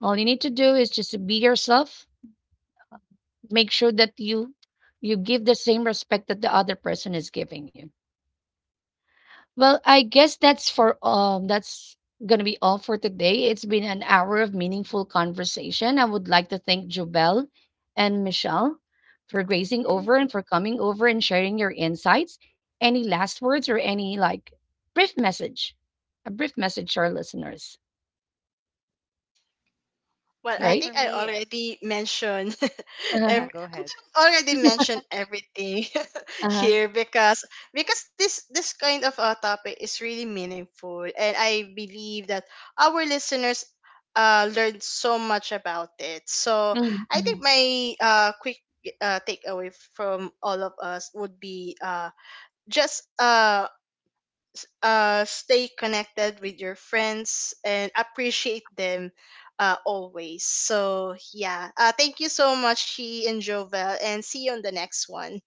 All you need to do is just to be yourself. Make sure that you give the same respect that the other person is giving you. Well, I guess that's gonna be all for today. It's been an hour of meaningful conversation. I would like to thank Jobel and Michelle for grazing over and for coming over and sharing your insights. Any last words or any like brief message? A brief message to our listeners,
Well, I
right?
Yeah,
think I
for me—
already mentioned
Uh-huh.
every,
yeah,
I
go
think
ahead.
I already mentioned everything
Uh-huh.
here, because this kind of a topic is really meaningful, and I believe that our listeners learned so much about it. So
Mhm,
I think
mhm.
my quick takeaway from all of us would be just stay connected with your friends and appreciate them, always. So, yeah. Thank you so much, Chi and Jovel, and see you on the next one.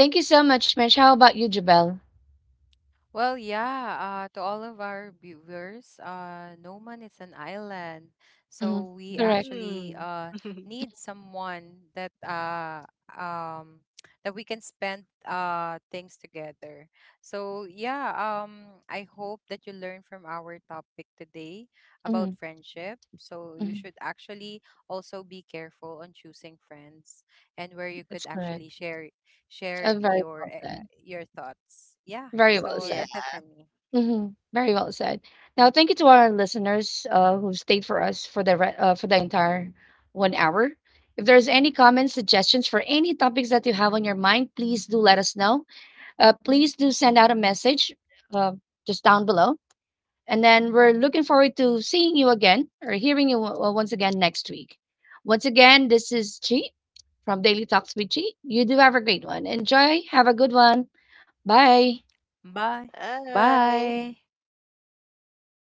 Thank you so much, Mitch. How about you, Jobel?
Well, yeah, to all of our viewers, no man is an island. So
Mhm.
we
Correct.
actually
Mm.
need someone that, um, that we can spend things together. So yeah, I hope that you learn from our topic today about
Mhm,
friendship. So you
mhm.
should actually also be careful on choosing friends and where you
That's
could
correct.
actually share share
Very well
your
said.
your thoughts. Yeah.
Very well
yeah.
So
said.
that's it for me.
Mhm. Very well said. Now, thank you to our listeners who stayed for us for for the entire 1 hour. If there's any comments, suggestions for any topics that you have on your mind, please do let us know. Please do send out a message uh, just down below, and then we're looking forward to seeing you again or hearing you once again next week. Once again, this is Chi from Daily Talks with Chi. You do have a great one. Enjoy. Have a good one. Bye.
Bye.
Bye.
Bye.